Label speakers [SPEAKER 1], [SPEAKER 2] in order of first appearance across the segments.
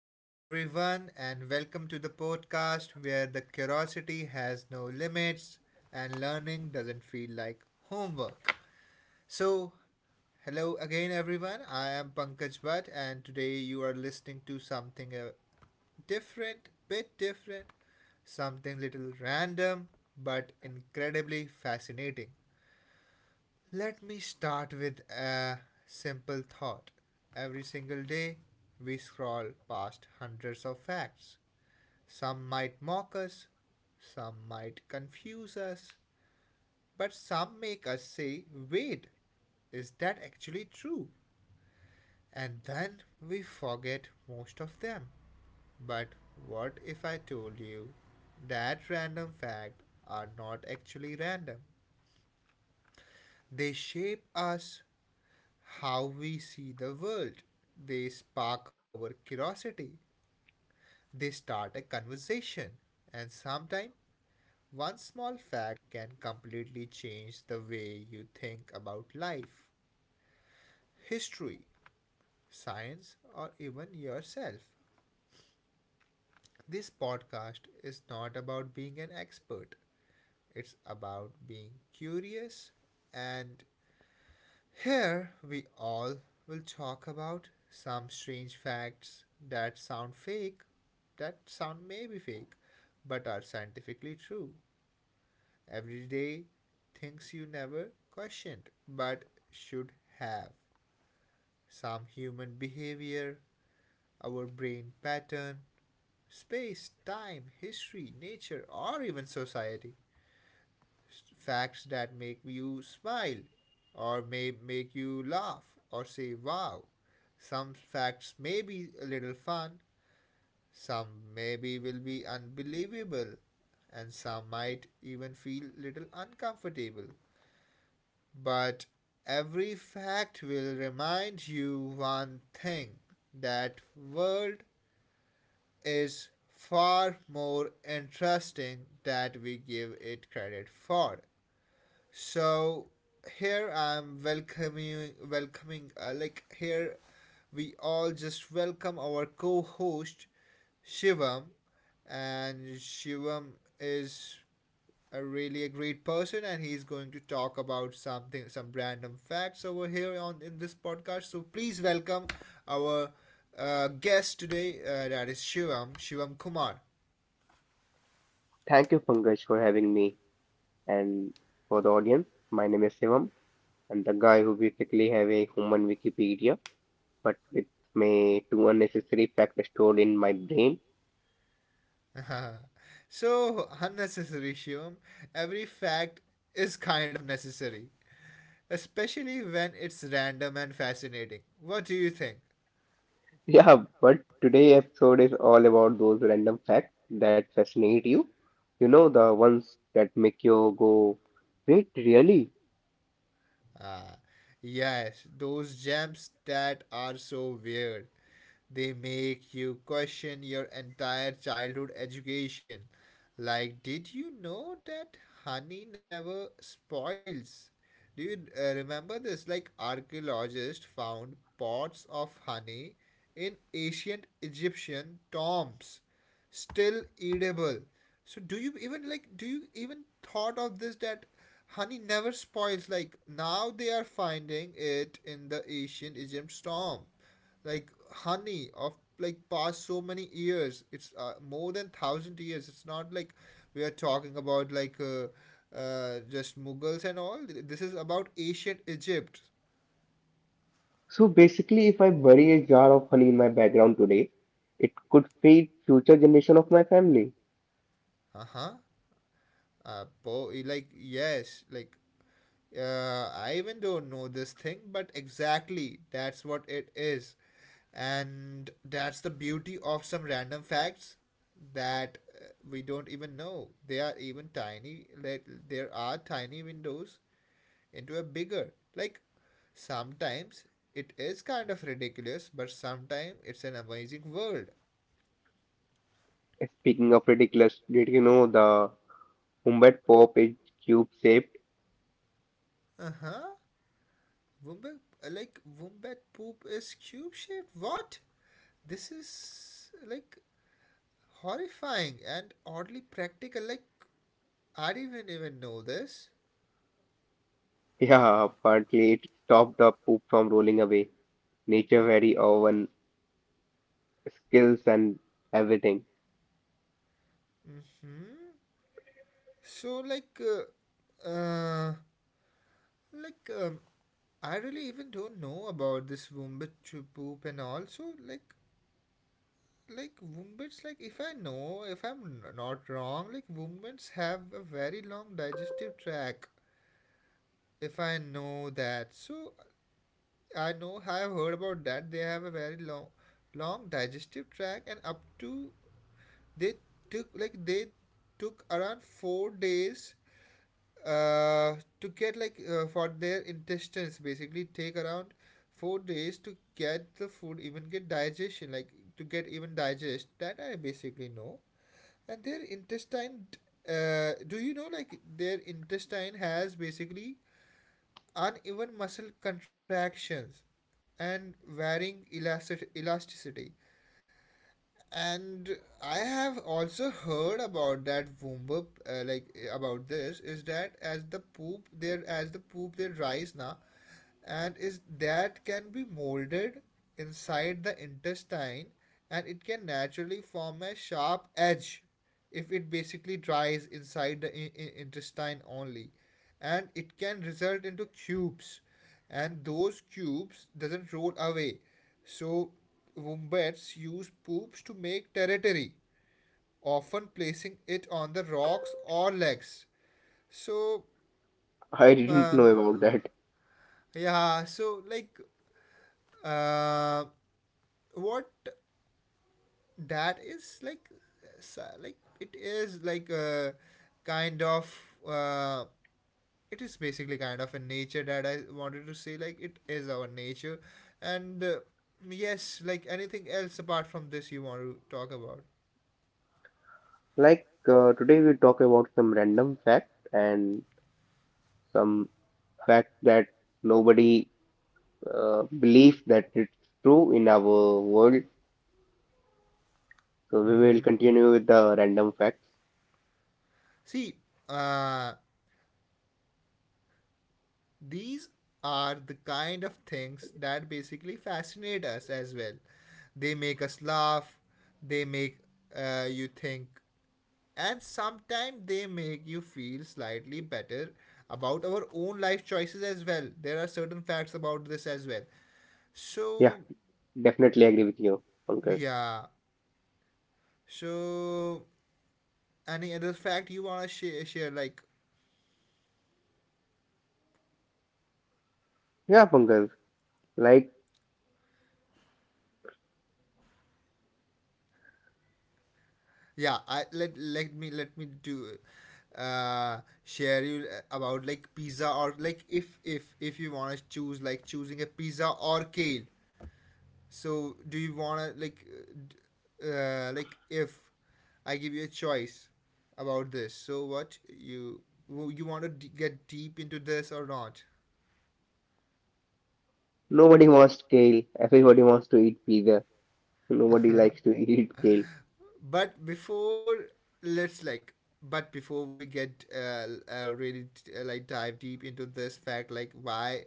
[SPEAKER 1] Hello, everyone, and welcome to the podcast where the curiosity has no limits and learning doesn't feel like homework. So, Hello again, everyone. I am Pankaj Bhatt, and today you are listening to something different, bit different, something little random, but incredibly fascinating. Let me start with a simple thought. Every single day, we scroll past hundreds of facts. Some might mock us, some might confuse us, but some make us say, wait, is that actually true? And then we forget most of them. But what if I told you that random facts are not actually random? They shape us how we see the world. They spark our curiosity. They start a conversation. And sometimes one small fact can completely change the way you think about life, history, science, or even yourself. This podcast is not about being an expert, it's about being curious. And here we all will talk about some strange facts that sound fake, that sound maybe fake, but are scientifically true. Every day, things you never questioned but should have. Some human behavior, our brain pattern, space, time, history, nature, or even society. Facts that make you smile or may make you laugh or say wow. Some facts may be a little fun, some maybe will be unbelievable, and some might even feel little uncomfortable. But every fact will remind you one thing, that world is far more interesting than we give it credit for. So here I'm welcoming welcoming like here we all just welcome our co-host Shivam, and Shivam is a really a great person and he's going to talk about something, some random facts over here on in this podcast, so please welcome our guest today, that is Shivam, Shivam Kumar.
[SPEAKER 2] Thank you, Pankaj, for having me. And for the audience, my name is Shivam. And the guy who basically have a human Wikipedia, but with me two unnecessary facts stored in my brain.
[SPEAKER 1] So unnecessary, Shivam. Every fact is kind of necessary, especially when it's random and fascinating. What do you think?
[SPEAKER 2] Yeah, but today episode is all about those random facts that fascinate you. You know, the ones that make you go, wait, really?
[SPEAKER 1] Ah, yes, those gems that are so weird. They make you question your entire childhood education. Like, did you know that honey never spoils? Do you remember this? Like, archaeologists found pots of honey in ancient Egyptian tombs, still edible. So, do you even like? Do you even thought of this, that honey never spoils? Like now, they are finding it in the ancient Egypt's tomb, like honey of like past so many years. It's more than 1000 years. It's not like we are talking about like just Mughals and all. This is about ancient Egypt.
[SPEAKER 2] So basically, if I bury a jar of honey in my background today, it could feed future generation of my family.
[SPEAKER 1] Uh-huh. Like, yes, like, I even don't know this thing, but exactly that's what it is. And that's the beauty of some random facts that we don't even know. They are even tiny, like there are tiny windows into a bigger. Like sometimes it is kind of ridiculous, but sometimes it's an amazing world.
[SPEAKER 2] Speaking of ridiculous, did you know the wombat pop is cube-shaped?
[SPEAKER 1] Uh huh. Wombat, like wombat poop is cube shaped. What? This is like horrifying and oddly practical. Like, I didn't even know this.
[SPEAKER 2] Yeah, apparently it stopped the poop from rolling away. Nature very own skills and everything.
[SPEAKER 1] Hmm. So, like, um, I really even don't know about this wombat to poop, and also like wombats. Like, if I know, if I'm not wrong, like wombats have a very long digestive tract. If I know that, so I know I've heard about that. They have a very long, long digestive tract and up to they they took around 4 days uh, to get like for their intestines basically take around 4 days to get the food even get digestion, like to get even digest that, I basically know. And their intestine, do you know like their intestine has basically uneven muscle contractions and varying elasticity. And I have also heard about that womb like about this is that as the poop there rise now and is that can be molded inside the intestine, and it can naturally form a sharp edge if it basically dries inside the intestine only, and it can result into cubes, and those cubes doesn't roll away. So wombats use poops to make territory, often placing it on the rocks or legs. So
[SPEAKER 2] I didn't
[SPEAKER 1] uh,
[SPEAKER 2] know about that.
[SPEAKER 1] yeah, so like, uh, what that is like, like it is like a kind of, uh, it is basically kind of a nature that I wanted to say, like it is our nature. And yes, like anything else apart from this you want to talk about?
[SPEAKER 2] Like today we talk about some random fact and some fact that nobody believes that it's true in our world. So we will
[SPEAKER 1] Hmm.
[SPEAKER 2] continue with the random facts.
[SPEAKER 1] See, uh, these are the kind of things that basically fascinate us as well. They make us laugh, they make you think, and sometimes they make you feel slightly better about our own life choices as well. There are certain facts about this as well.
[SPEAKER 2] Yeah,
[SPEAKER 1] So
[SPEAKER 2] definitely agree with you, Pankaj.
[SPEAKER 1] yeah, so any other fact you want to share like.
[SPEAKER 2] Yeah, Pankaj. Like
[SPEAKER 1] Yeah, I, let me do share you about like pizza, or like if you want to choose, like choosing a pizza or kale. So do you wanna like if I give you a choice about this, so what you want to get deep into this or not?
[SPEAKER 2] nobody wants kale. Everybody wants to eat pizza. Nobody likes to eat kale.
[SPEAKER 1] But before, let's like, but before we get really like dive deep into this fact, like why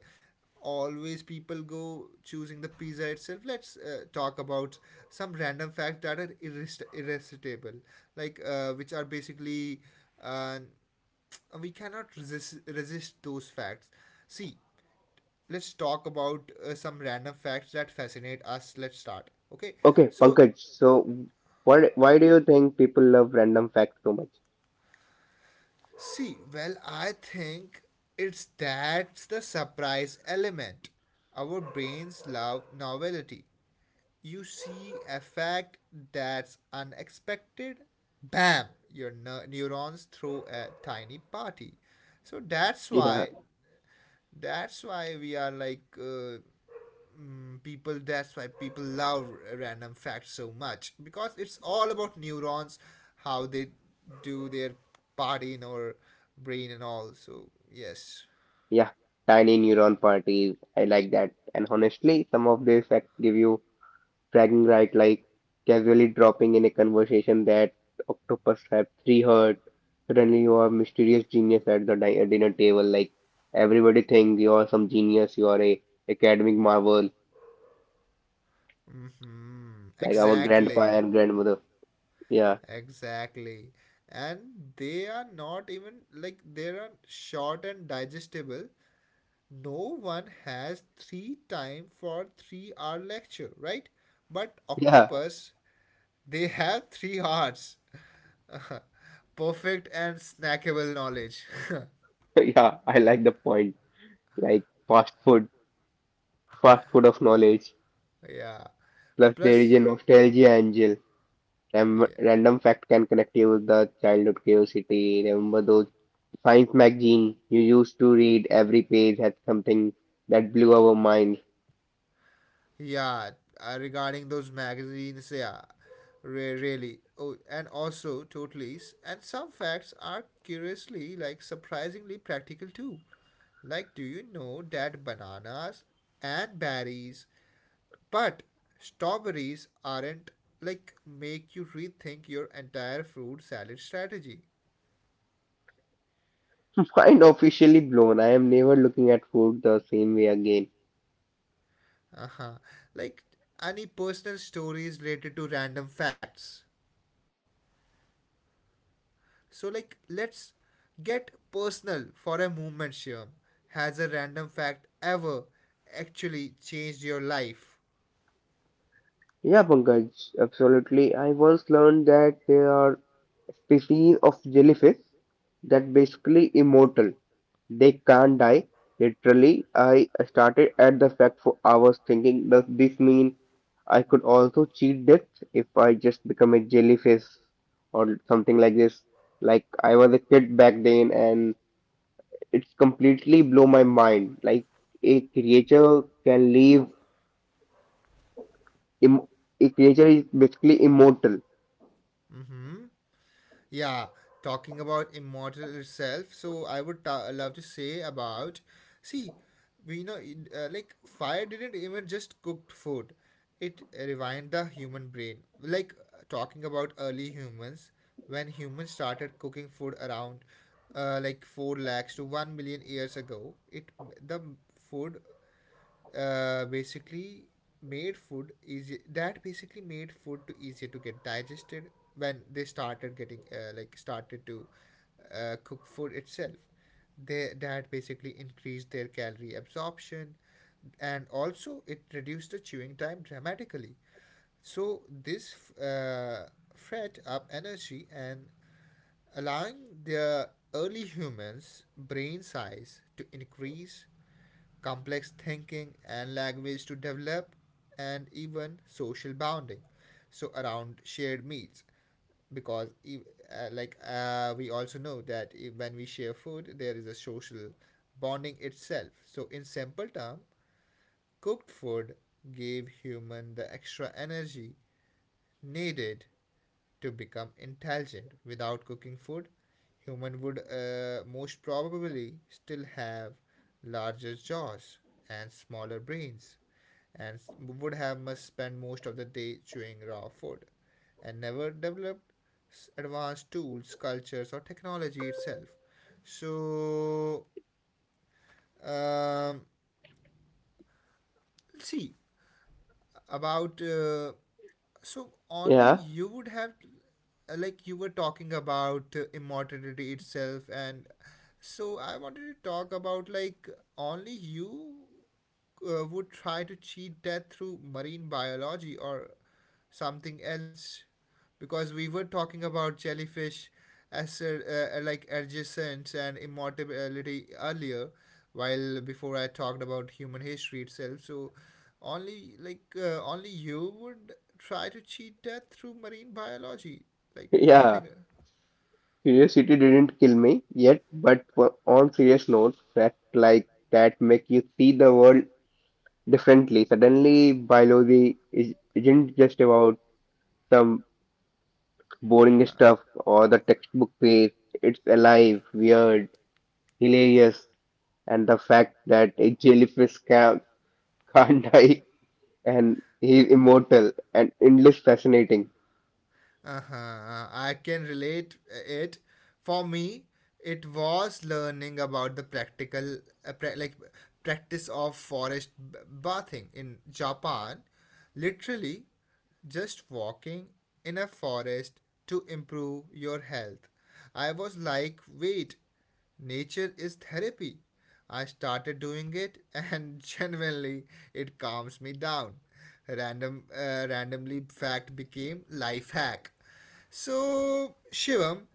[SPEAKER 1] always people go choosing the pizza itself, let's talk about some random facts that are irresistible, like which are basically uh, we cannot resist those facts. See, let's talk about some random facts that fascinate us. Let's start, okay?
[SPEAKER 2] Okay,
[SPEAKER 1] So,
[SPEAKER 2] Pankaj, so what? Why do you think people love random facts so much?
[SPEAKER 1] see, well, I think it's, that's the surprise element. Our brains love novelty. You see a fact that's unexpected, bam, your neurons throw a tiny party. So that's
[SPEAKER 2] Yeah.
[SPEAKER 1] why, that's why we are like people, that's why people love random facts so much, because it's all about neurons, how they do their party in our brain and all. So yes.
[SPEAKER 2] Yeah, tiny neuron parties. I like that. And honestly, some of these facts give you bragging right, like casually dropping in a conversation that octopus have three hearts. Suddenly, you are a mysterious genius at the di dinner table. Like everybody thinks you are some genius. You are a academic marvel,
[SPEAKER 1] Hmm,
[SPEAKER 2] like our grandpa
[SPEAKER 1] exactly.
[SPEAKER 2] and grandmother. Yeah,
[SPEAKER 1] Exactly. And they are not even like, they are short and digestible. No one has three time for 3 hour lecture, right? But
[SPEAKER 2] yeah.
[SPEAKER 1] octopus, they have 3 hours. Perfect and snackable knowledge.
[SPEAKER 2] Yeah, I like the point. Like fast food of knowledge.
[SPEAKER 1] Yeah.
[SPEAKER 2] Plus, there is a
[SPEAKER 1] Plus,
[SPEAKER 2] nostalgia angle. Ram
[SPEAKER 1] yeah,
[SPEAKER 2] random fact can connect you with the childhood curiosity. Remember those science magazine you used to read? Every page had something that blew our mind.
[SPEAKER 1] yeah. Regarding those magazines, yeah, really. Oh, and also totally. And some facts are curiously, like surprisingly practical too. Like, do you know that bananas and berries, but strawberries aren't, like make you rethink your entire fruit salad strategy?
[SPEAKER 2] Mind officially blown. I am never looking at food the same way again.
[SPEAKER 1] Uh-huh. Like, any personal stories related to random facts. So like, let's get personal for a moment, Shivam. Has a random fact ever actually changed your life?
[SPEAKER 2] Yeah, Pankaj, absolutely. I once learned that there are species of jellyfish that basically immortal. They can't die. Literally, I started at the fact for hours thinking, does this mean I could also cheat death if I just become a jellyfish or something like this? Like I was a kid back then and it's completely blow my mind. Like a creature can live, im a creature is basically immortal.
[SPEAKER 1] Mm-hmm. Yeah, talking about immortal itself, so I would love to say about. See, we know like fire didn't even just cooked food; it revived the human brain. Like talking about early humans, when humans started cooking food around, like four lakhs to 1 million years ago, it, the food, basically made food easy, that basically made food to easier to get digested. When they started getting like started to cook food itself, they, that basically increased their calorie absorption, and also it reduced the chewing time dramatically. So this fed up energy and allowing the early humans brain size to increase, complex thinking and language to develop, and even social bonding. So around shared meals, because like we also know that e, when we share food, there is a social bonding itself. So in simple term, cooked food gave human the extra energy needed to become intelligent. Without cooking food, human would most probably still have larger jaws and smaller brains, and would have must spend most of the day chewing raw food, and never developed advanced tools, cultures or technology itself. So um, see, about so only
[SPEAKER 2] Yeah,
[SPEAKER 1] you would have like, you were talking about immortality itself. And so I wanted to talk about like, only you would try to cheat death through marine biology or something else, because we were talking about jellyfish as like adjacent and immortality earlier, while before I talked about human history itself. So only like, only you would try to cheat death through marine biology, like
[SPEAKER 2] yeah.
[SPEAKER 1] anything.
[SPEAKER 2] Curiosity didn't kill me yet, but on serious note, facts like that make you see the world differently. Suddenly, biology isn't just about some boring
[SPEAKER 1] uh,
[SPEAKER 2] stuff or the textbook page. It's alive, weird, hilarious, and the fact that a jellyfish can't die and he's immortal and endless fascinating.
[SPEAKER 1] Uh-huh. I can relate it. For me, it was learning about the practical, like practice of forest bathing in Japan. Literally, just walking in a forest to improve your health. I was like, wait, nature is therapy. I started doing it and genuinely it calms me down. Random randomly fact became life hack. So, Shivam,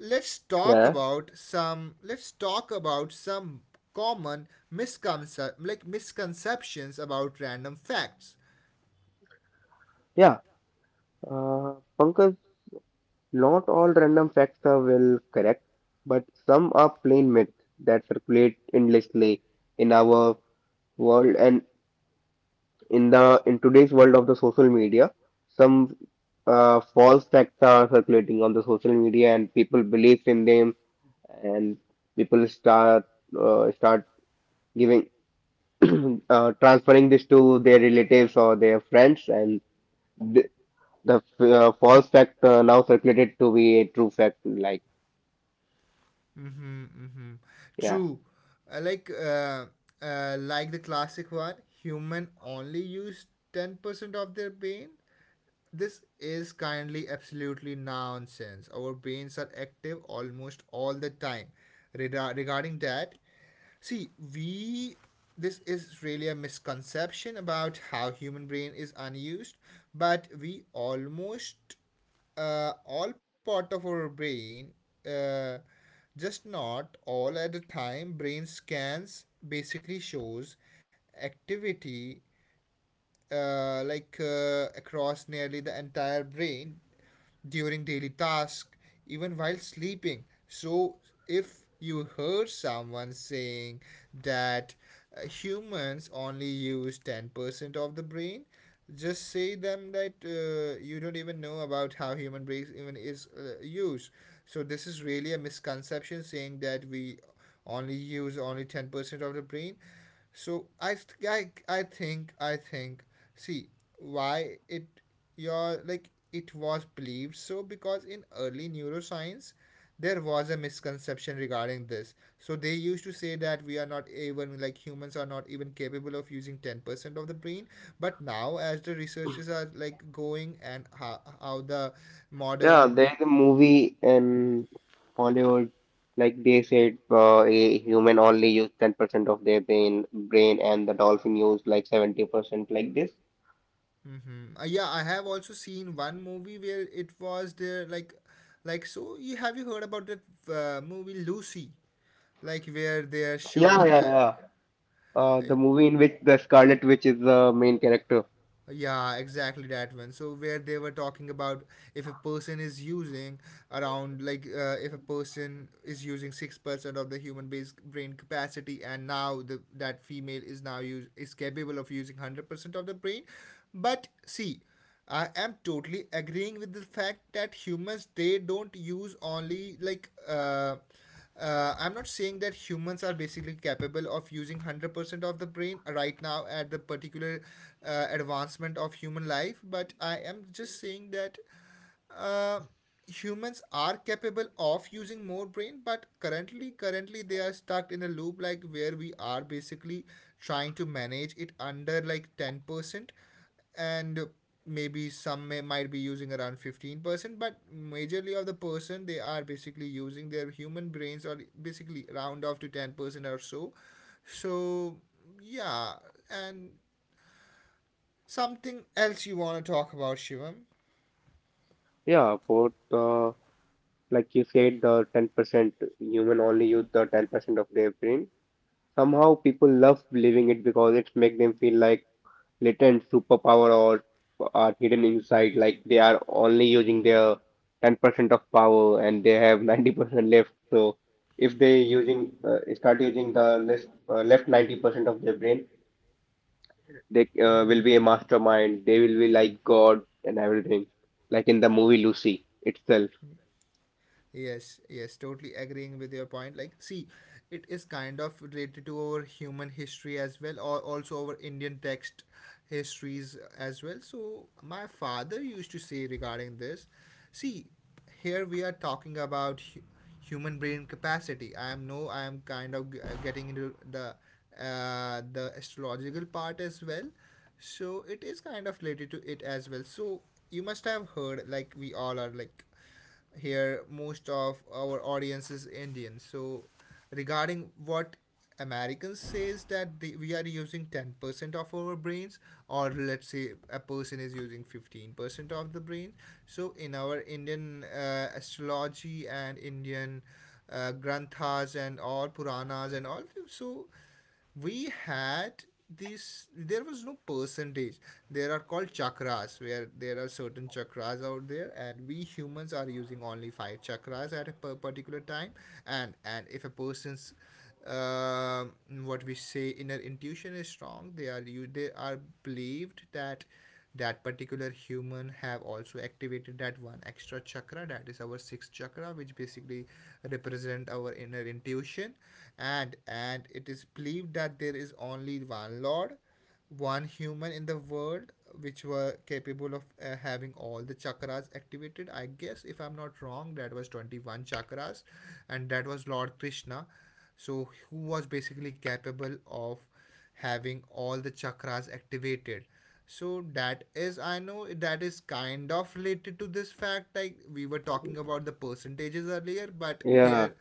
[SPEAKER 1] let's talk
[SPEAKER 2] Yeah,
[SPEAKER 1] about some, let's talk about some common misconceptions, like misconceptions about random facts.
[SPEAKER 2] yeah. Uh, Pankaj, not all random facts are well correct, but some are plain myths that circulate endlessly in our world and in the in today's world of the social media. Some false facts are circulating on the social media, and people believe in them, and people start giving transferring this to their relatives or their friends, and th the f- false fact now circulated to be a true fact. Like,
[SPEAKER 1] Mm-hmm, mm-hmm.
[SPEAKER 2] yeah.
[SPEAKER 1] True. Uh, like uh, like the classic one, human only use 10% of their brain. This is kindly absolutely nonsense. Our brains are active almost all the time. Regarding that, see, we this is really a misconception about how human brain is unused, but we almost all part of our brain, uh, just not all at a time. Brain scans basically shows activity across nearly the entire brain during daily tasks, even while sleeping. So, if you heard someone saying that humans only use 10% of the brain, just say them that you don't even know about how human brain even is used. So, this is really a misconception saying that we only use only 10% of the brain. So I I think see why it your like it was believed so, because in early neuroscience there was a misconception regarding this, so they used to say that we are not even like humans are not even capable of using 10% of the brain. But now as the researches are like going and how the
[SPEAKER 2] Yeah,
[SPEAKER 1] modern.
[SPEAKER 2] there's a movie in Hollywood, like they said, a human only use 10% of their brain, and the dolphin use like 70%, like this.
[SPEAKER 1] Mm-hmm. Yeah, I have also seen one movie where it was there like so. You have you heard about that movie Lucy, like where they are
[SPEAKER 2] Yeah,
[SPEAKER 1] showing
[SPEAKER 2] yeah,
[SPEAKER 1] the.
[SPEAKER 2] yeah.
[SPEAKER 1] Uh,
[SPEAKER 2] The movie in which the Scarlet Witch is the main character.
[SPEAKER 1] yeah, exactly that one. So where they were talking about if a person is using around like if a person is using 6% of the human base brain capacity, and now the that female is now use is capable of using 100% of the brain, but see I am totally agreeing with the fact that humans they don't use only like I'm not saying that humans are basically capable of using 100% of the brain right now at the particular advancement of human life, but I am just saying that uh, humans are capable of using more brain, but currently they are stuck in a loop like where we are basically trying to manage it under like 10%, and maybe some may, might be using around 15%, but majorly of the person they are basically using their human brains or basically round off to 10% or so. So yeah, and something else you want to talk about, Shivam?
[SPEAKER 2] Yeah, both, like you said, the 10% human only use the 10% of their brain. Somehow people love believing it because it makes them feel like latent superpower or are hidden inside, like they are only using their 10% of power and they have 90% left. So if they using start using the less, left 90% of their brain, they
[SPEAKER 1] Mm-hmm.
[SPEAKER 2] will be a mastermind. They will be like God and everything, like in the movie Lucy itself.
[SPEAKER 1] Yes, yes, totally agreeing with your point. Like, see, it is kind of related to our human history as well, or also our Indian text histories as well. So, my father used to say regarding this, see, here we are talking about human brain capacity. I am no, I am kind of getting into the astrological part as well. So, it is kind of related to it as well. So, you must have heard, like, we all are like here most of our audience is Indian. So regarding what Americans says that they, we are using 10% of our brains, or let's say a person is using 15% of the brain. So in our Indian astrology and Indian granthas and all puranas and all, so we had this, there was no percentage. There are called chakras where there are certain chakras out there, and we humans are using only five chakras at a per particular time. And if a person's um what we say inner intuition is strong, they are you they are believed that that particular human have also activated that one extra chakra, that is our sixth chakra, which basically represent our inner intuition. And it is believed that there is only one lord, one human in the world, which were capable of having all the chakras activated. I guess if I'm not wrong that was 21 chakras, and that was Lord Krishna. So who was basically capable of having all the chakras activated. So that is, I know that is kind of related to this fact, like we were talking about the percentages earlier, but
[SPEAKER 2] Yeah.
[SPEAKER 1] here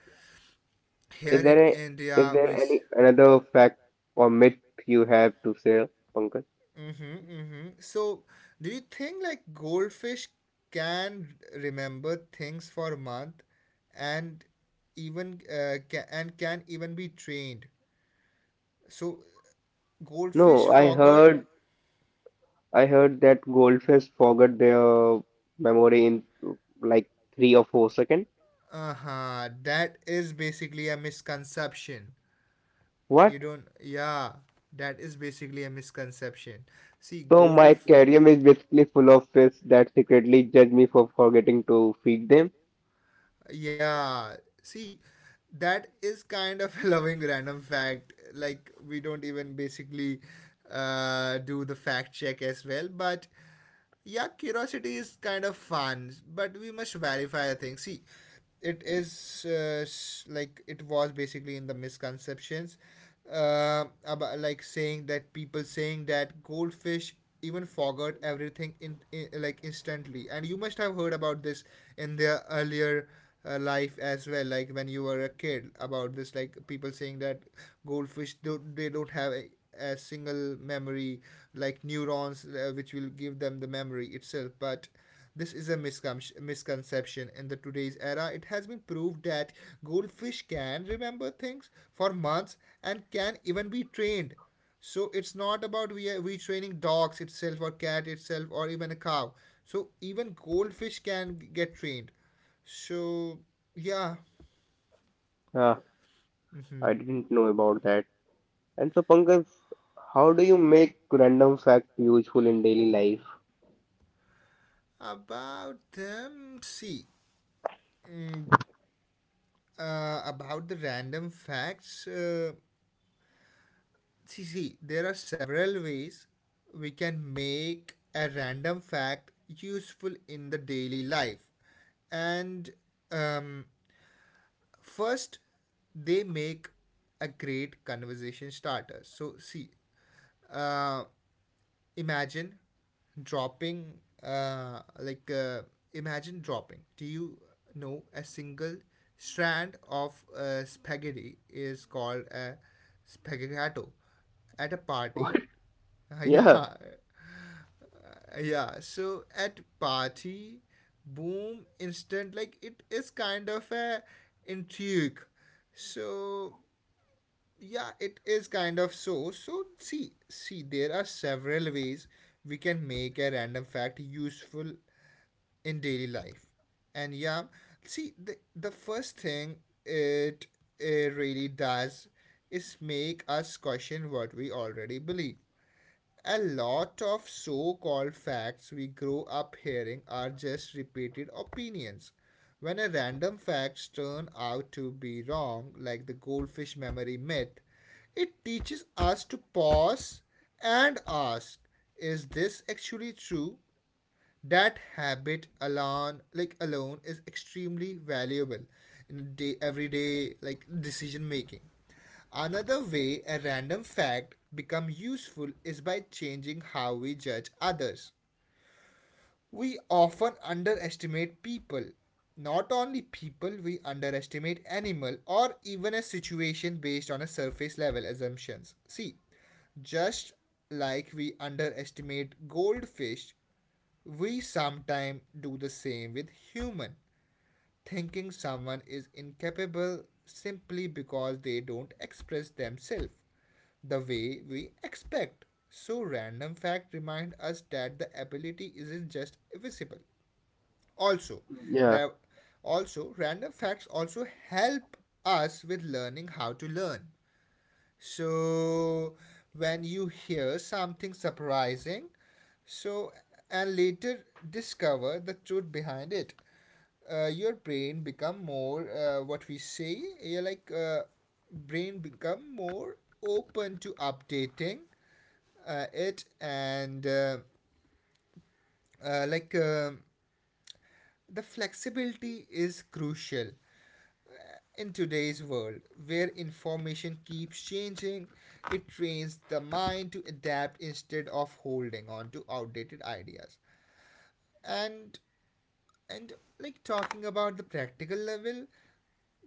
[SPEAKER 1] here
[SPEAKER 2] Is
[SPEAKER 1] in
[SPEAKER 2] there a, is
[SPEAKER 1] India
[SPEAKER 2] there
[SPEAKER 1] we
[SPEAKER 2] any another fact or myth you have to share, Pankaj?
[SPEAKER 1] Mm-hmm, mm-hmm. So, do you think like goldfish can remember things for a month and even and can even be trained? So, goldfish
[SPEAKER 2] No, I
[SPEAKER 1] forgot.
[SPEAKER 2] heard I heard that goldfish forget their memory in like 3 or 4 seconds.
[SPEAKER 1] Uh huh. That is basically a misconception.
[SPEAKER 2] What?
[SPEAKER 1] You don't. Yeah. That is basically a misconception. See,
[SPEAKER 2] So my
[SPEAKER 1] golf.
[SPEAKER 2] aquarium is basically full of fish that secretly judge me for forgetting to feed them.
[SPEAKER 1] Yeah. See, that is kind of a loving random fact. Like, we don't even basically do the fact check as well. But yeah, curiosity is kind of fun. But we must verify a thing. See, it is like it was basically in the misconceptions about like saying that people saying that goldfish even forgot everything in like instantly, and you must have heard about this in their earlier life as well, like when you were a kid about this, like people saying that goldfish don't, they don't have a single memory like neurons which will give them the memory itself. But this is a misconception, in the today's era it has been proved that goldfish can remember things for months and can even be trained. So it's not about we retraining dogs itself or cat itself or even a cow. So even goldfish can get trained. So yeah,
[SPEAKER 2] Ah, I didn't know about that. And so Pankaj, how do you make random facts useful in daily life?
[SPEAKER 1] about them. See, mm, about the random facts. See, see, there are several ways we can make a random fact useful in the daily life, and um, first they make a great conversation starter. So see uh, imagine dropping uh, like uh, imagine dropping do you know a single strand of spaghetti is called a spaghetto at a party.
[SPEAKER 2] What? Yeah,
[SPEAKER 1] Yeah. Yeah so at party boom instant like it is kind of a intrigue. So yeah it is kind of so so see see there are several ways we can make a random fact useful in daily life. And yeah see the first thing it, it really does is make us question what we already believe. A lot of so called facts we grow up hearing are just repeated opinions. When a random fact turns out to be wrong, like the goldfish memory myth, it teaches us to pause and ask, is this actually true? That habit alone is extremely valuable in day everyday like decision making. Another way a random fact become useful is by changing how we judge others. We often underestimate people, not only people, we underestimate animal or even a situation based on a surface level assumptions. See just like we underestimate goldfish, we sometimes do the same with human, thinking someone is incapable simply because they don't express themselves the way we expect. So random fact remind us that the ability isn't just visible. Also,
[SPEAKER 2] yeah,
[SPEAKER 1] the also random facts also help us with learning how to learn. So when you hear something surprising, so and later discover the truth behind it, your brain become more what we say yeah, like brain become more open to updating it and uh, like um the flexibility is crucial in today's world, where information keeps changing. It trains the mind to adapt instead of holding on to outdated ideas. And and like talking about the practical level,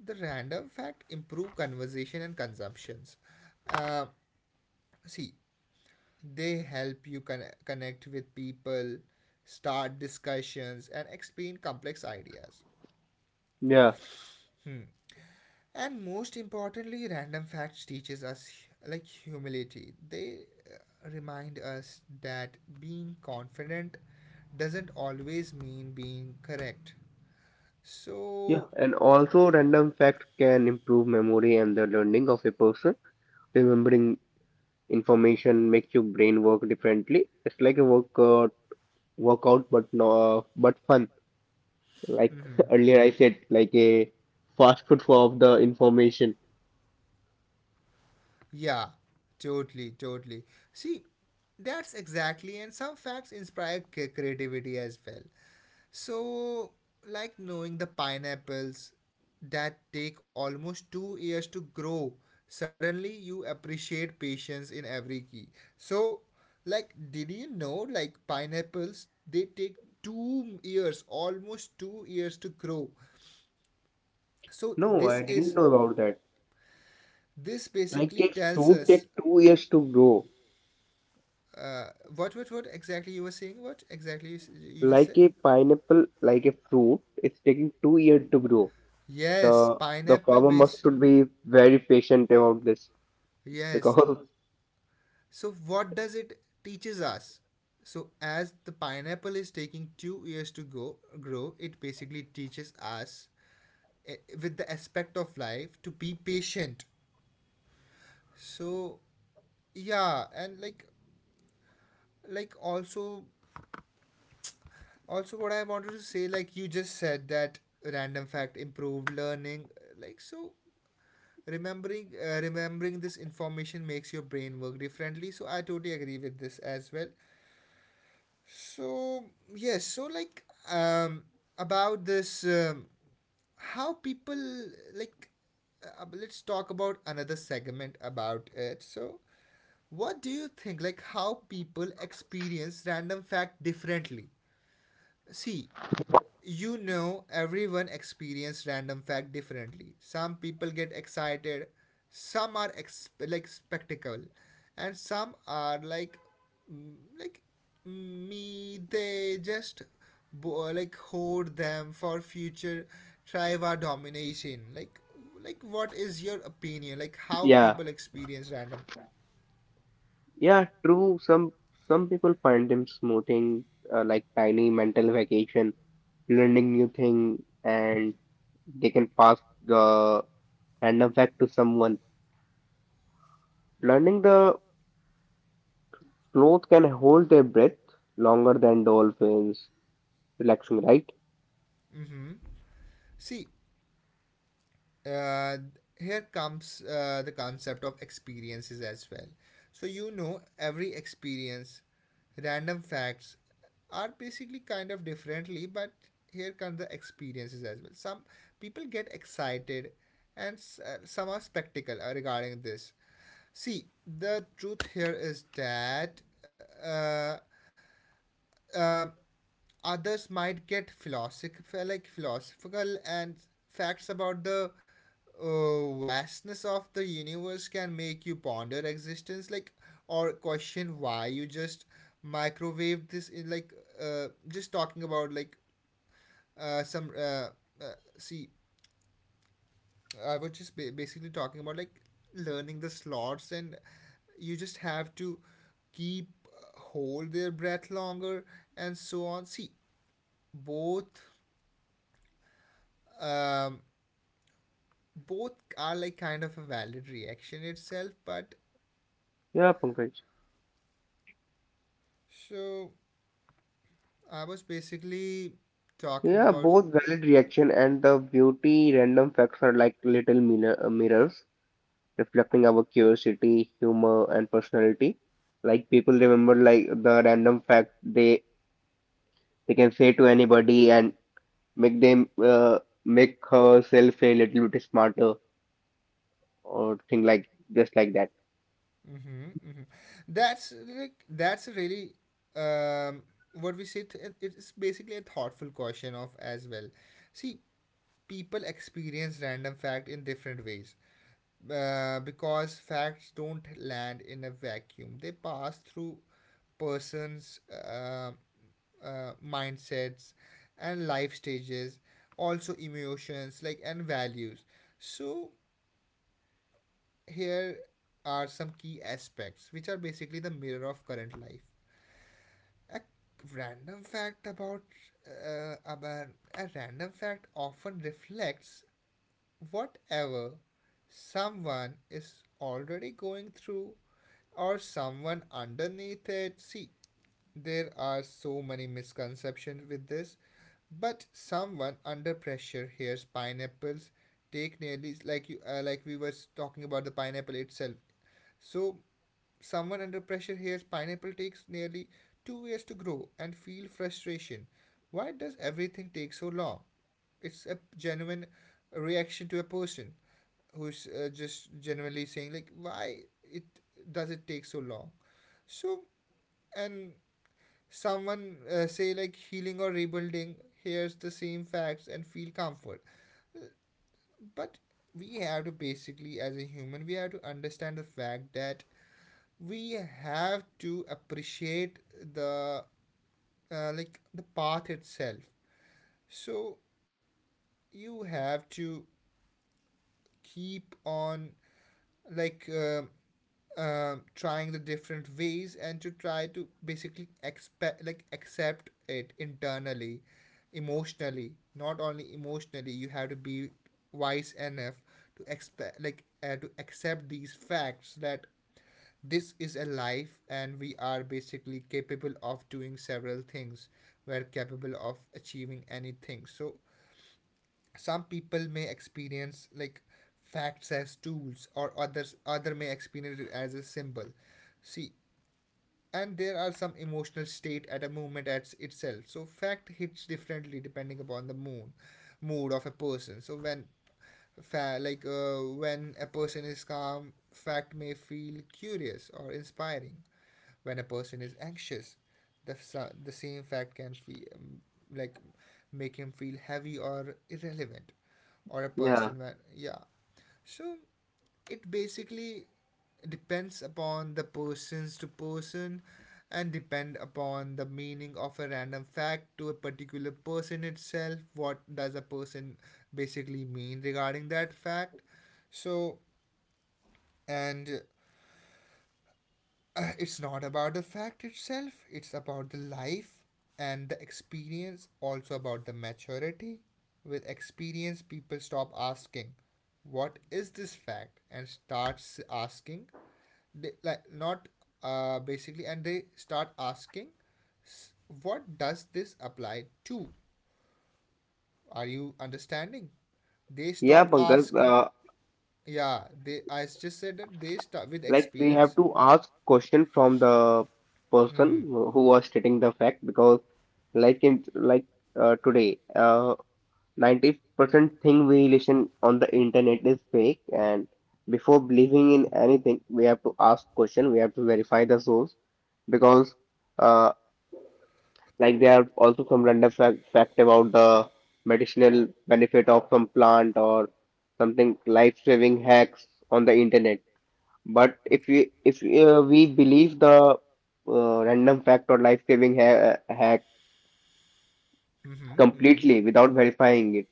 [SPEAKER 1] the random fact improve conversation and consumptions. Uh, See, they help you connect with people, start discussions, and explain complex ideas.
[SPEAKER 2] yeah,
[SPEAKER 1] Hmm. And most importantly random facts teaches us like humility. They remind us that being confident doesn't always mean being correct.
[SPEAKER 2] yeah.
[SPEAKER 1] So
[SPEAKER 2] And also, random facts can improve memory and the learning of a person. Remembering information makes your brain work differently. It's like a workout, but no, but fun. Like
[SPEAKER 1] mhm,
[SPEAKER 2] earlier I said, like a fast food for of the information.
[SPEAKER 1] yeah, totally. See, that's exactly, and some facts inspire creativity as well. So, like knowing the pineapples that take almost 2 years to grow, suddenly you appreciate patience in every key. So, like, did you know, like, pineapples they take 2 years, almost 2 years to grow. So,
[SPEAKER 2] No, I
[SPEAKER 1] this
[SPEAKER 2] didn't
[SPEAKER 1] is
[SPEAKER 2] know about that.
[SPEAKER 1] this
[SPEAKER 2] Like
[SPEAKER 1] basically
[SPEAKER 2] a
[SPEAKER 1] tells
[SPEAKER 2] fruit
[SPEAKER 1] us
[SPEAKER 2] takes 2 years to grow.
[SPEAKER 1] uh, what exactly you were saying? What exactly you just
[SPEAKER 2] Like
[SPEAKER 1] said?
[SPEAKER 2] a pineapple, like a fruit, it's taking 2 years to grow.
[SPEAKER 1] Yes,
[SPEAKER 2] The the
[SPEAKER 1] pineapple
[SPEAKER 2] farmer
[SPEAKER 1] base.
[SPEAKER 2] must should be very patient about this
[SPEAKER 1] Yes.
[SPEAKER 2] because
[SPEAKER 1] So what does it teaches us? So as the pineapple is taking 2 years to go grow, it basically teaches us eh, with the aspect of life to be patient. So yeah, and like also also what I wanted to say, like you just said that random fact improved learning, like so remembering remembering this information makes your brain work differently, so I totally agree with this as well. So yes so like um about this how people like let's talk about another segment about it. So what do you think like how people experience random fact differently. See you know, everyone experiences random fact differently. Some people get excited, some are like spectacle, and some are mm, like mm, me. They just like hoard them for future trivia domination. Like what is your opinion? Like how
[SPEAKER 2] yeah,
[SPEAKER 1] people experience random.
[SPEAKER 2] yeah, true. Some people find them smoothing like tiny mental vacation learning new thing, and they can pass the random fact to someone. Learning the sloth can hold their breath longer than dolphins. Relaxing, right?
[SPEAKER 1] Mm-hmm. See, uh, here comes the concept of experiences as well. So, you know, every experience, random facts are basically kind of differently, but here come the experiences as well. Some people get excited, and some are spectacle regarding this. See, the truth here is that uh, uh, others might get philosophical and facts about the vastness of the universe can make you ponder existence, like or question why you just microwave this in like just talking about like some see I was just basically talking about like learning the slots and you just have to keep hold their breath longer and so on. See, both um, both are like kind of a valid reaction itself, but
[SPEAKER 2] Yeah, Pankaj.
[SPEAKER 1] so I was basically talking
[SPEAKER 2] Yeah,
[SPEAKER 1] about.
[SPEAKER 2] both valid reaction and the beauty random facts are like little mirrors reflecting our curiosity, humor, and personality. Like people remember like the random fact they can say to anybody and make them make herself a little bit smarter, or thing like just like that.
[SPEAKER 1] Mm-hmm, mm-hmm. That's like that's really um, what we say. It's basically a thoughtful question of as well. See, people experience random fact in different ways because facts don't land in a vacuum. They pass through persons, mindsets, and life stages, also emotions, like and values. So here are some key aspects which are basically the mirror of current life. A random fact about uh, about a random fact often reflects whatever someone is already going through or someone underneath it. See, there are so many misconceptions with this, but someone under pressure hears pineapples take nearly like you like we were talking about the pineapple itself. So someone under pressure hears pineapple takes nearly 2 years to grow and feel frustration. Why does everything take so long? It's a genuine reaction to a person who's just genuinely saying like, why it does it take so long? So and someone say like healing or rebuilding hears the same facts and feel comfort, but we have to basically, as a human, we have to understand the fact that we have to appreciate the like the path itself. So you have to keep on like trying the different ways and to try to basically expect like accept it internally emotionally. Not only emotionally, you have to be wise enough to expect like to accept these facts that this is a life and we are basically capable of doing several things, we're capable of achieving anything. So some people may experience like facts as tools, or other may experience it as a symbol. See, and there are some emotional state at a moment at itself, so fact hits differently depending upon the mood, mood of a person. So when when a person is calm, fact may feel curious or inspiring. When a person is anxious, the, the same fact can feel like make him feel heavy or irrelevant, or a
[SPEAKER 2] Yeah.
[SPEAKER 1] person when yeah, so it basically depends upon the person's to person and depend upon the meaning of a random fact to a particular person itself. What does a person basically mean regarding that fact? So and It's not about the fact itself, it's about the life and the experience, also about the maturity. With experience, people stop asking, "What is this fact?" and starts asking, they, like, not basically, and they start asking, "What does this apply to?" Are you understanding? They
[SPEAKER 2] Yeah,
[SPEAKER 1] stop
[SPEAKER 2] Pankaj,
[SPEAKER 1] asking, yeah, they, I just said that they start with
[SPEAKER 2] like we have
[SPEAKER 1] experience.
[SPEAKER 2] to ask question from the person
[SPEAKER 1] Hmm.
[SPEAKER 2] who was stating the fact, because like in like today, 90% thing we listen on the internet is fake, and before believing in anything, we have to ask question, we have to verify the source, because uh, like there are also some random fact about the medicinal benefit of some plant or something life-saving hacks on the internet. But if we believe the random fact or life-saving ha hack
[SPEAKER 1] Mm-hmm. Mm-hmm.
[SPEAKER 2] completely without verifying it,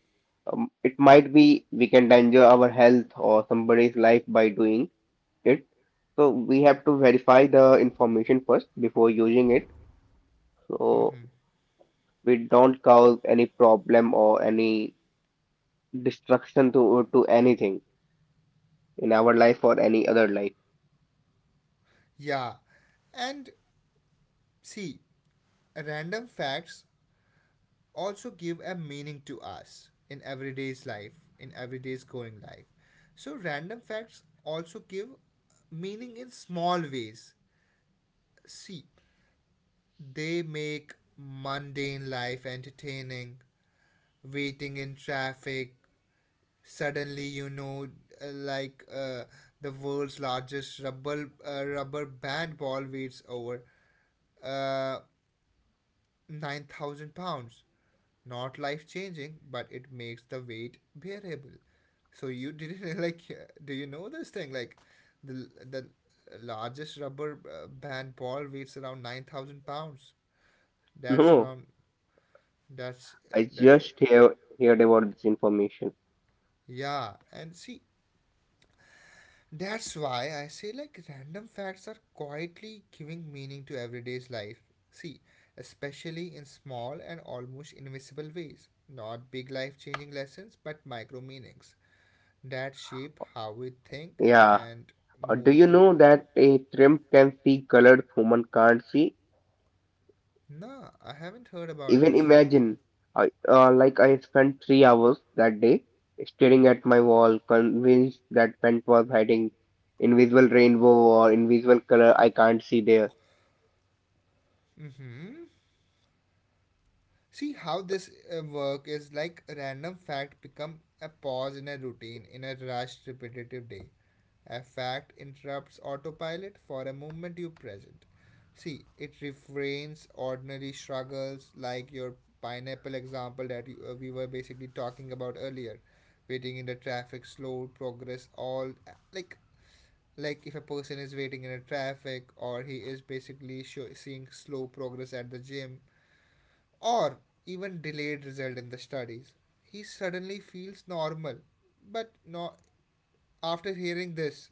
[SPEAKER 2] it might be we can danger our health or somebody's life by doing it. So we have to verify the information first before using it. So
[SPEAKER 1] Mm-hmm.
[SPEAKER 2] we don't cause any problem or any destruction to anything in our life or any other life.
[SPEAKER 1] Yeah. And see, random facts also give a meaning to us in everyday's life, in everyday's going life. So random facts also give meaning in small ways. See, they make mundane life entertaining, waiting in traffic. Suddenly, you know, uh, like uh, the world's largest rubber, rubber band ball waits over. Uh, 9,000 pounds. Not life changing, but it makes the weight bearable. So you didn't like, do you know this thing? Like, the largest rubber band ball weighs around 9,000 pounds. That's
[SPEAKER 2] No,
[SPEAKER 1] around, that's, uh,
[SPEAKER 2] I
[SPEAKER 1] that's,
[SPEAKER 2] just heard about this information.
[SPEAKER 1] yeah. And see, that's why I say like random facts are quietly giving meaning to everyday's life. See, especially in small and almost invisible ways. Not big life changing lessons, but micro meanings that shape how we think
[SPEAKER 2] Yeah.
[SPEAKER 1] and
[SPEAKER 2] Or do
[SPEAKER 1] move
[SPEAKER 2] you
[SPEAKER 1] through.
[SPEAKER 2] know that a shrimp can see colors human can't see?
[SPEAKER 1] Nah, I haven't heard about
[SPEAKER 2] Even
[SPEAKER 1] this.
[SPEAKER 2] imagine, I spent 3 hours that day staring at my wall, convinced that pent was hiding invisible rainbow or invisible color I can't see there.
[SPEAKER 1] Mm hmm. See how this work is like a random fact become a pause in a routine in a rushed repetitive day. A fact interrupts autopilot for a moment you present. See, it refrains ordinary struggles like your pineapple example that you, we were basically talking about earlier. Waiting in the traffic, slow progress, all like like if a person is waiting in a traffic or he is basically seeing slow progress at the gym or even delayed result in the studies. He suddenly feels normal, but no, after hearing this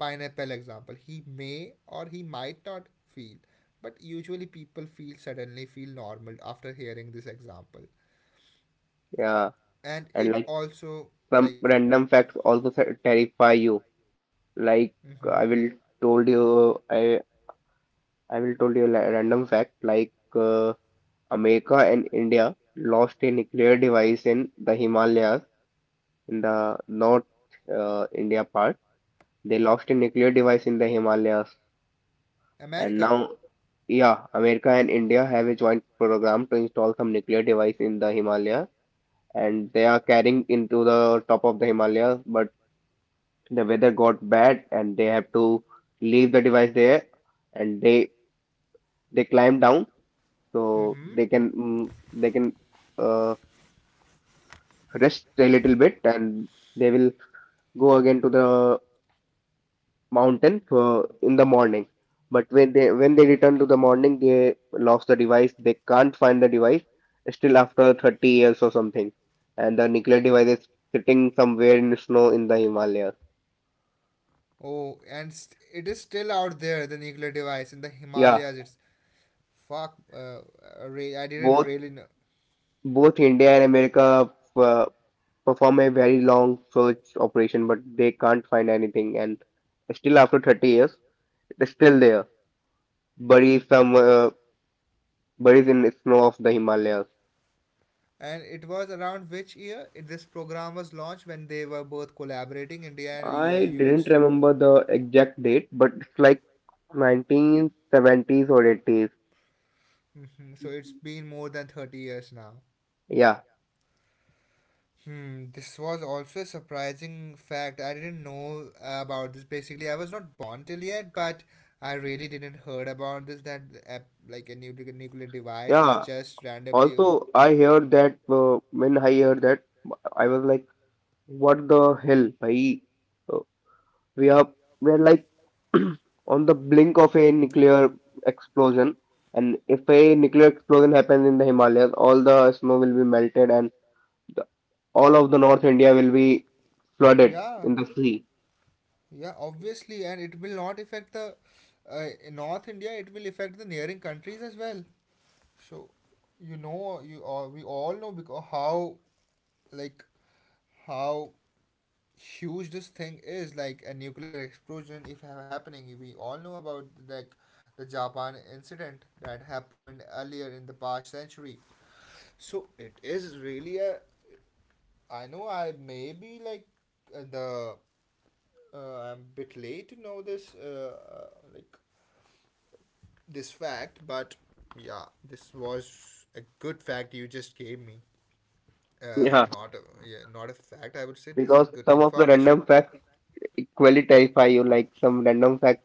[SPEAKER 1] pineapple example, he may or he might not feel. But usually people feel, suddenly feel normal after hearing this example,
[SPEAKER 2] Yeah,
[SPEAKER 1] and
[SPEAKER 2] and
[SPEAKER 1] it
[SPEAKER 2] like
[SPEAKER 1] also
[SPEAKER 2] some
[SPEAKER 1] like
[SPEAKER 2] random facts also terrify you. Like
[SPEAKER 1] mhm.
[SPEAKER 2] uh, I will told you, I I will told you a random fact. Like America and India lost a nuclear device in the Himalayas, in the North India part. They lost a nuclear device in the Himalayas, and
[SPEAKER 1] America.
[SPEAKER 2] now yeah, America and India have a joint program to install some nuclear device in the Himalaya, and they are carrying into the top of the Himalayas, but the weather got bad and they have to leave the device there, and they climb down so
[SPEAKER 1] Hmm
[SPEAKER 2] they can uh, rest a little bit, and they will go again to the mountain for in the morning. But when they return to the morning, they lost the device. They can't find the device still after 30 years or something, and the nuclear device is sitting somewhere in the snow in the Himalaya.
[SPEAKER 1] Oh, and it is still out there, the nuclear device in the
[SPEAKER 2] Yeah,
[SPEAKER 1] Himalayas. It's fuck, I didn't
[SPEAKER 2] both
[SPEAKER 1] really know.
[SPEAKER 2] both India and America uh, perform a very long search operation, but they can't find anything. And still, after 30 years, it is still there, buried somewhere, buried in the snow of the Himalayas.
[SPEAKER 1] And it was around which year this program was launched when they were both collaborating, India and
[SPEAKER 2] I didn't
[SPEAKER 1] US?
[SPEAKER 2] remember the exact date, but it's like 1970s or 80s.
[SPEAKER 1] Hmm So it's been more than 30 years now.
[SPEAKER 2] Yeah,
[SPEAKER 1] Hmm, this was also a surprising fact. I didn't know about this. Basically, I was not born till yet, but I really didn't heard about this. That uh, like a nuclear device is
[SPEAKER 2] yeah.
[SPEAKER 1] just randomly.
[SPEAKER 2] Also, I heard that when I heard that, I was like, "What the hell, bhai?" Uh, We are we're like on the blink of a nuclear explosion, and if a nuclear explosion happens in the Himalayas, all the snow will be melted and the, all of the North India will be flooded
[SPEAKER 1] Yeah.
[SPEAKER 2] in the sea.
[SPEAKER 1] Yeah, obviously, and it will not affect the in North India. It will affect the neighboring countries as well. So, you know, you we all know because how like how huge this thing is. Like a nuclear explosion, if happening, we all know about like the Japan incident that happened earlier in the past century. So it is really a. I know I may be like the uh, I'm a bit late to know this, like this fact, but yeah, this was a good fact you just gave me.
[SPEAKER 2] Yeah,
[SPEAKER 1] Not a, yeah, not a fact. I would say this is
[SPEAKER 2] because
[SPEAKER 1] good
[SPEAKER 2] some of the
[SPEAKER 1] information.
[SPEAKER 2] random facts equally terrify you, like some random facts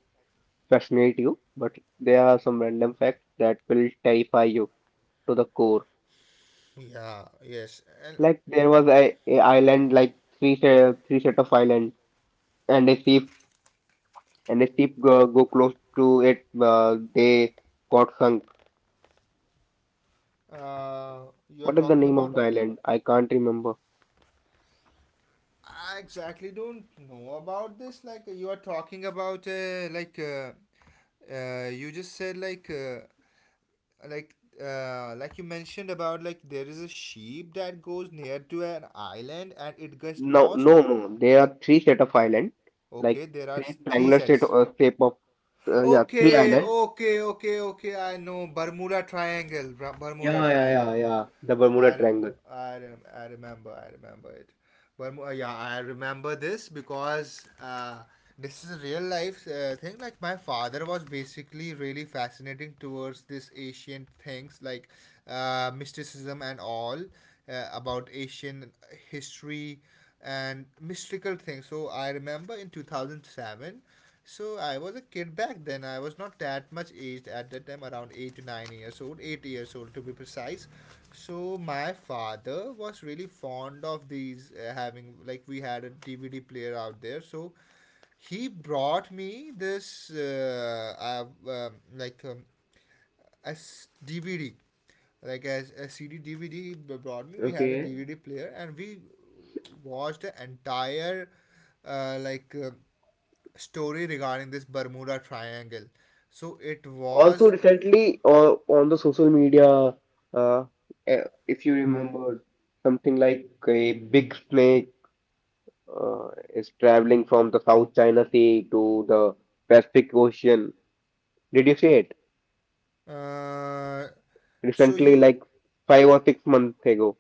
[SPEAKER 2] fascinate you, but there are some random facts that will terrify you to the core.
[SPEAKER 1] Yeah. Yes. And
[SPEAKER 2] Like there was a island, like three set of islands, and a sea and a ship go close to it, they got sunk.
[SPEAKER 1] you are
[SPEAKER 2] What is the
[SPEAKER 1] talking
[SPEAKER 2] name of
[SPEAKER 1] about.
[SPEAKER 2] the island? I can't remember.
[SPEAKER 1] I exactly don't know about this. Like you are talking about, you just said, like like like you mentioned about like there is a sheep that goes near to an island and it gets
[SPEAKER 2] No,
[SPEAKER 1] lost.
[SPEAKER 2] no, no. There are three set of island, like
[SPEAKER 1] Okay, there are
[SPEAKER 2] three
[SPEAKER 1] three
[SPEAKER 2] triangular
[SPEAKER 1] sets.
[SPEAKER 2] set shape of, yeah, three
[SPEAKER 1] Okay,
[SPEAKER 2] island.
[SPEAKER 1] okay, okay, okay, I know Bermuda Triangle. Bermuda
[SPEAKER 2] Yeah, yeah, yeah,
[SPEAKER 1] Triangle.
[SPEAKER 2] yeah. The Bermuda
[SPEAKER 1] I rem-
[SPEAKER 2] Triangle.
[SPEAKER 1] I remember I remember it. But yeah, I remember this because this is a real life thing. Like my father was basically really fascinating towards this ancient things like mysticism and all about Asian history and mystical things. So I remember in 2007. So I was a kid back then. I was not that much aged at that time, around 8 to 9 years old, 8 years old to be precise. So my father was really fond of these having like we had a DVD player out there. So he brought me this as DVD, like as a CD DVD he brought me. We had a
[SPEAKER 2] Okay.
[SPEAKER 1] DVD player and we watched the entire uh, like uh, story regarding this Bermuda Triangle. So it
[SPEAKER 2] Also,
[SPEAKER 1] was.
[SPEAKER 2] recently, on the social media, uh, if you remember, something like a big snake uh, is traveling from the South China Sea to the Pacific Ocean. Did you see it
[SPEAKER 1] Uh, so
[SPEAKER 2] recently,
[SPEAKER 1] you
[SPEAKER 2] like 5 or 6 months ago?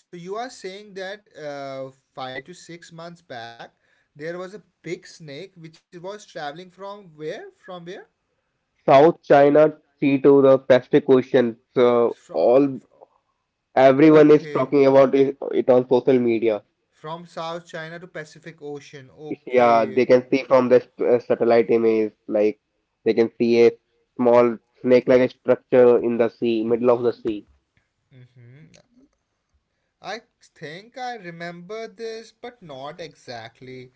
[SPEAKER 1] so you are saying that 5 to 6 months back there was a big snake which was traveling from where? From where?
[SPEAKER 2] South China Sea to the Pacific Ocean. So
[SPEAKER 1] From
[SPEAKER 2] all everyone is
[SPEAKER 1] okay.
[SPEAKER 2] talking about it on social media.
[SPEAKER 1] From South China to Pacific Ocean.
[SPEAKER 2] Yeah,
[SPEAKER 1] Okay.
[SPEAKER 2] they can see from the satellite image, like they can see a small snake-like structure in the sea, middle of the sea.
[SPEAKER 1] Hmm. I think I remember this, but not exactly.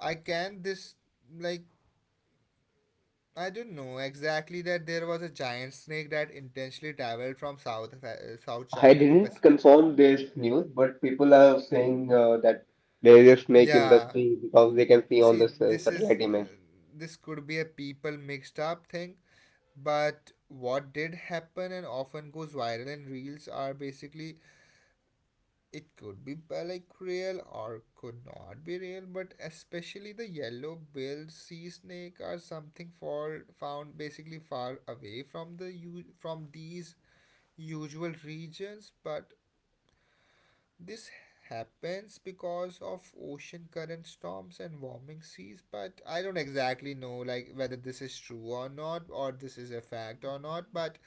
[SPEAKER 1] I can this like I don't know exactly that there was a giant snake that intentionally traveled from South South
[SPEAKER 2] I
[SPEAKER 1] China to
[SPEAKER 2] didn't
[SPEAKER 1] Pacific.
[SPEAKER 2] confirm this news, but people are saying that there is a snake in the
[SPEAKER 1] Yeah,
[SPEAKER 2] sea, because they can see on the
[SPEAKER 1] see, this is
[SPEAKER 2] satellite image.
[SPEAKER 1] this could be a people mixed up thing, but what did happen and often goes viral and reels are basically, it could be like real or could not be real, but especially the yellow-billed sea snake are something for found basically far away from the from these usual regions, but this happens because of ocean current storms and warming seas. But I don't exactly know like whether this is true or not, or this is a fact or not. But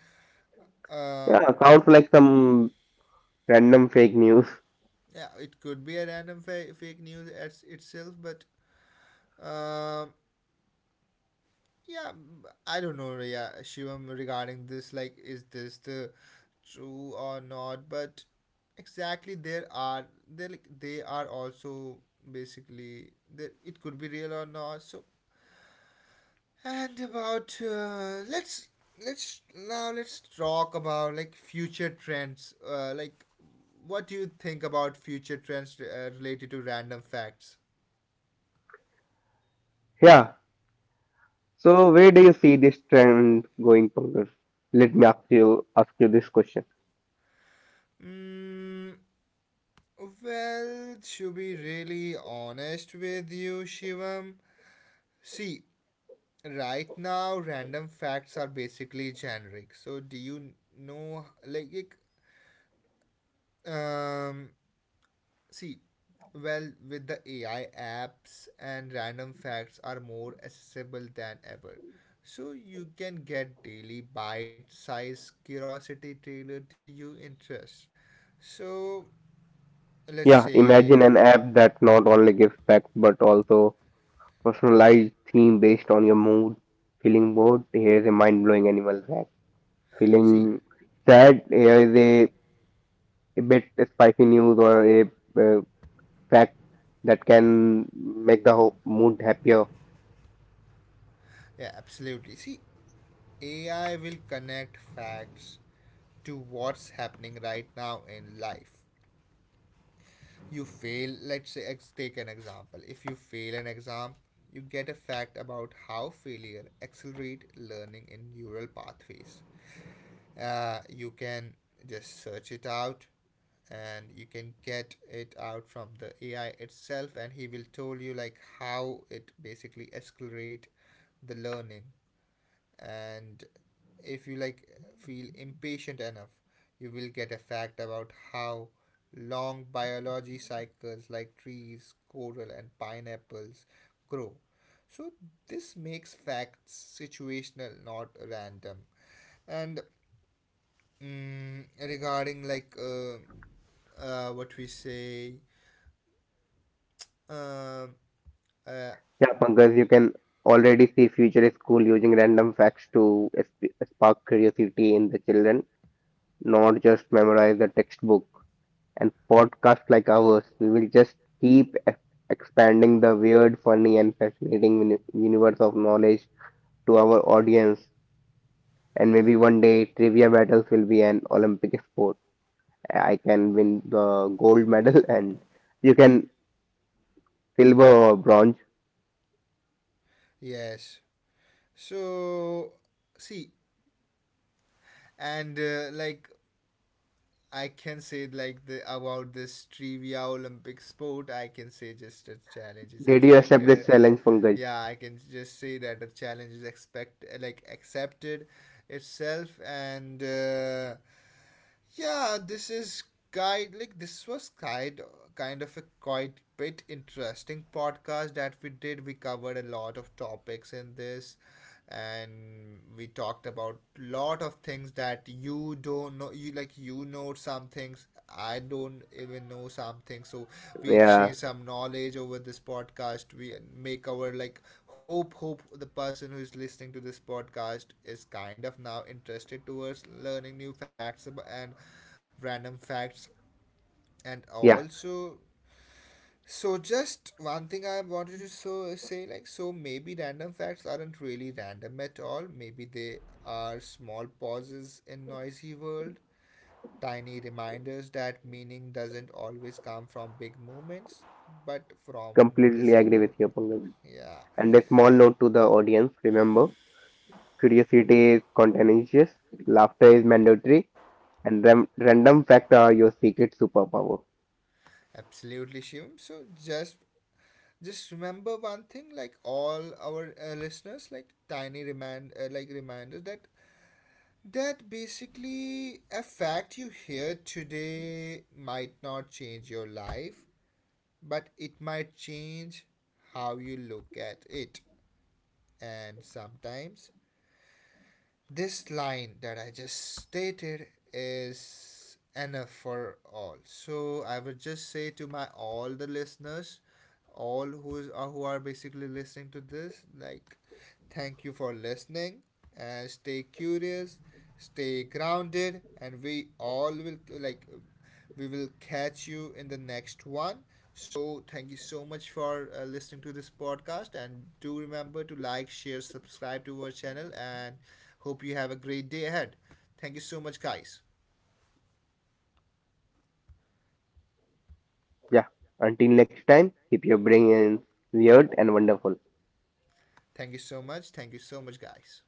[SPEAKER 1] uh,
[SPEAKER 2] Yeah, sounds like some random fake news.
[SPEAKER 1] yeah, it could be a random fake news as itself. But um yeah, I don't know, yeah, Shivam, regarding this. Like, is this the true or not? But exactly, there are they like they are also basically that it could be real or not. So, and about let's talk about like future trends. Like, what do you think about future trends related to random facts?
[SPEAKER 2] Yeah. So where do you see this trend going, Pankaj? Let me ask you this question.
[SPEAKER 1] Mm, well, to be really honest with you, Shivam, see, right now random facts are basically generic. So, do you know, um, see, well, with the AI apps and random facts are more accessible than ever. So you can get daily bite sized curiosity tailored to your interests. So, let's
[SPEAKER 2] Yeah,
[SPEAKER 1] say,
[SPEAKER 2] imagine an app that not only gives facts but also personalized theme based on your mood. Feeling bored? Here's a mind-blowing animal fact.
[SPEAKER 1] see,
[SPEAKER 2] Feeling sad?
[SPEAKER 1] yeah,
[SPEAKER 2] Here is a bit spicy news or a uh, fact that can make the whole mood happier.
[SPEAKER 1] yeah, absolutely. See, AI will connect facts to what's happening right now in life. You fail, let's say, take an example. If you fail an exam, you get a fact about how failure accelerates learning in neural pathways. You can just search it out and you can get it out from the AI itself and he will tell you like how it basically accelerates the learning. And if you like feel impatient enough, you will get a fact about how long biology cycles like trees, coral and pineapples grow. So this makes facts situational, not random. And mm, regarding like what we say um, uh,
[SPEAKER 2] Yeah, Pankaj, you can already see future school using random facts to spark curiosity in the children, not just memorize the textbook. And podcasts like ours, we will just keep expanding the weird, funny, and fascinating universe of knowledge to our audience. And maybe one day, trivia battles will be an Olympic sport. I can win the gold medal, and you can silver or bronze.
[SPEAKER 1] yes, so see and like I can say like the about this trivia Olympic sport. I can say just a challenge is
[SPEAKER 2] Did you accept
[SPEAKER 1] expected.
[SPEAKER 2] this
[SPEAKER 1] And
[SPEAKER 2] challenge, Pankaj?
[SPEAKER 1] yeah, I can just say that a challenge is expect like accepted itself. And yeah, this is guide like this was kind of a quite bit interesting podcast that we did. We covered a lot of topics in this and we talked about lot of things that you don't know, you like you know some things, I don't even know something. So we
[SPEAKER 2] Yeah.
[SPEAKER 1] exchange some knowledge over this podcast. We make our like, hope the person who is listening to this podcast is kind of now interested towards learning new facts and random facts and
[SPEAKER 2] Yeah,
[SPEAKER 1] also, so just one thing I wanted to so say like, so maybe random facts aren't really random at all. Maybe they are small pauses in noisy world, tiny reminders that meaning doesn't always come from big moments but from
[SPEAKER 2] completely
[SPEAKER 1] noticing
[SPEAKER 2] agree with you, Pankaj.
[SPEAKER 1] yeah
[SPEAKER 2] And a small note to the audience, remember, curiosity is contagious, laughter is mandatory, and random facts are your secret superpower.
[SPEAKER 1] absolutely Shivam, so just remember one thing, like all our listeners, like tiny reminders that basically a fact you hear today might not change your life but it might change how you look at it. And sometimes this line that I just stated is enough for all. So I would just say to my all the listeners, all who is who are basically listening to this, like, thank you for listening and stay curious, stay grounded, and we all will like we will catch you in the next one. So, thank you so much for listening to this podcast. And do remember to like, share, subscribe to our channel. And hope you have a great day ahead. Thank you so much, guys.
[SPEAKER 2] Yeah, until next time, keep your brain weird and wonderful.
[SPEAKER 1] Thank you so much. Thank you so much, guys.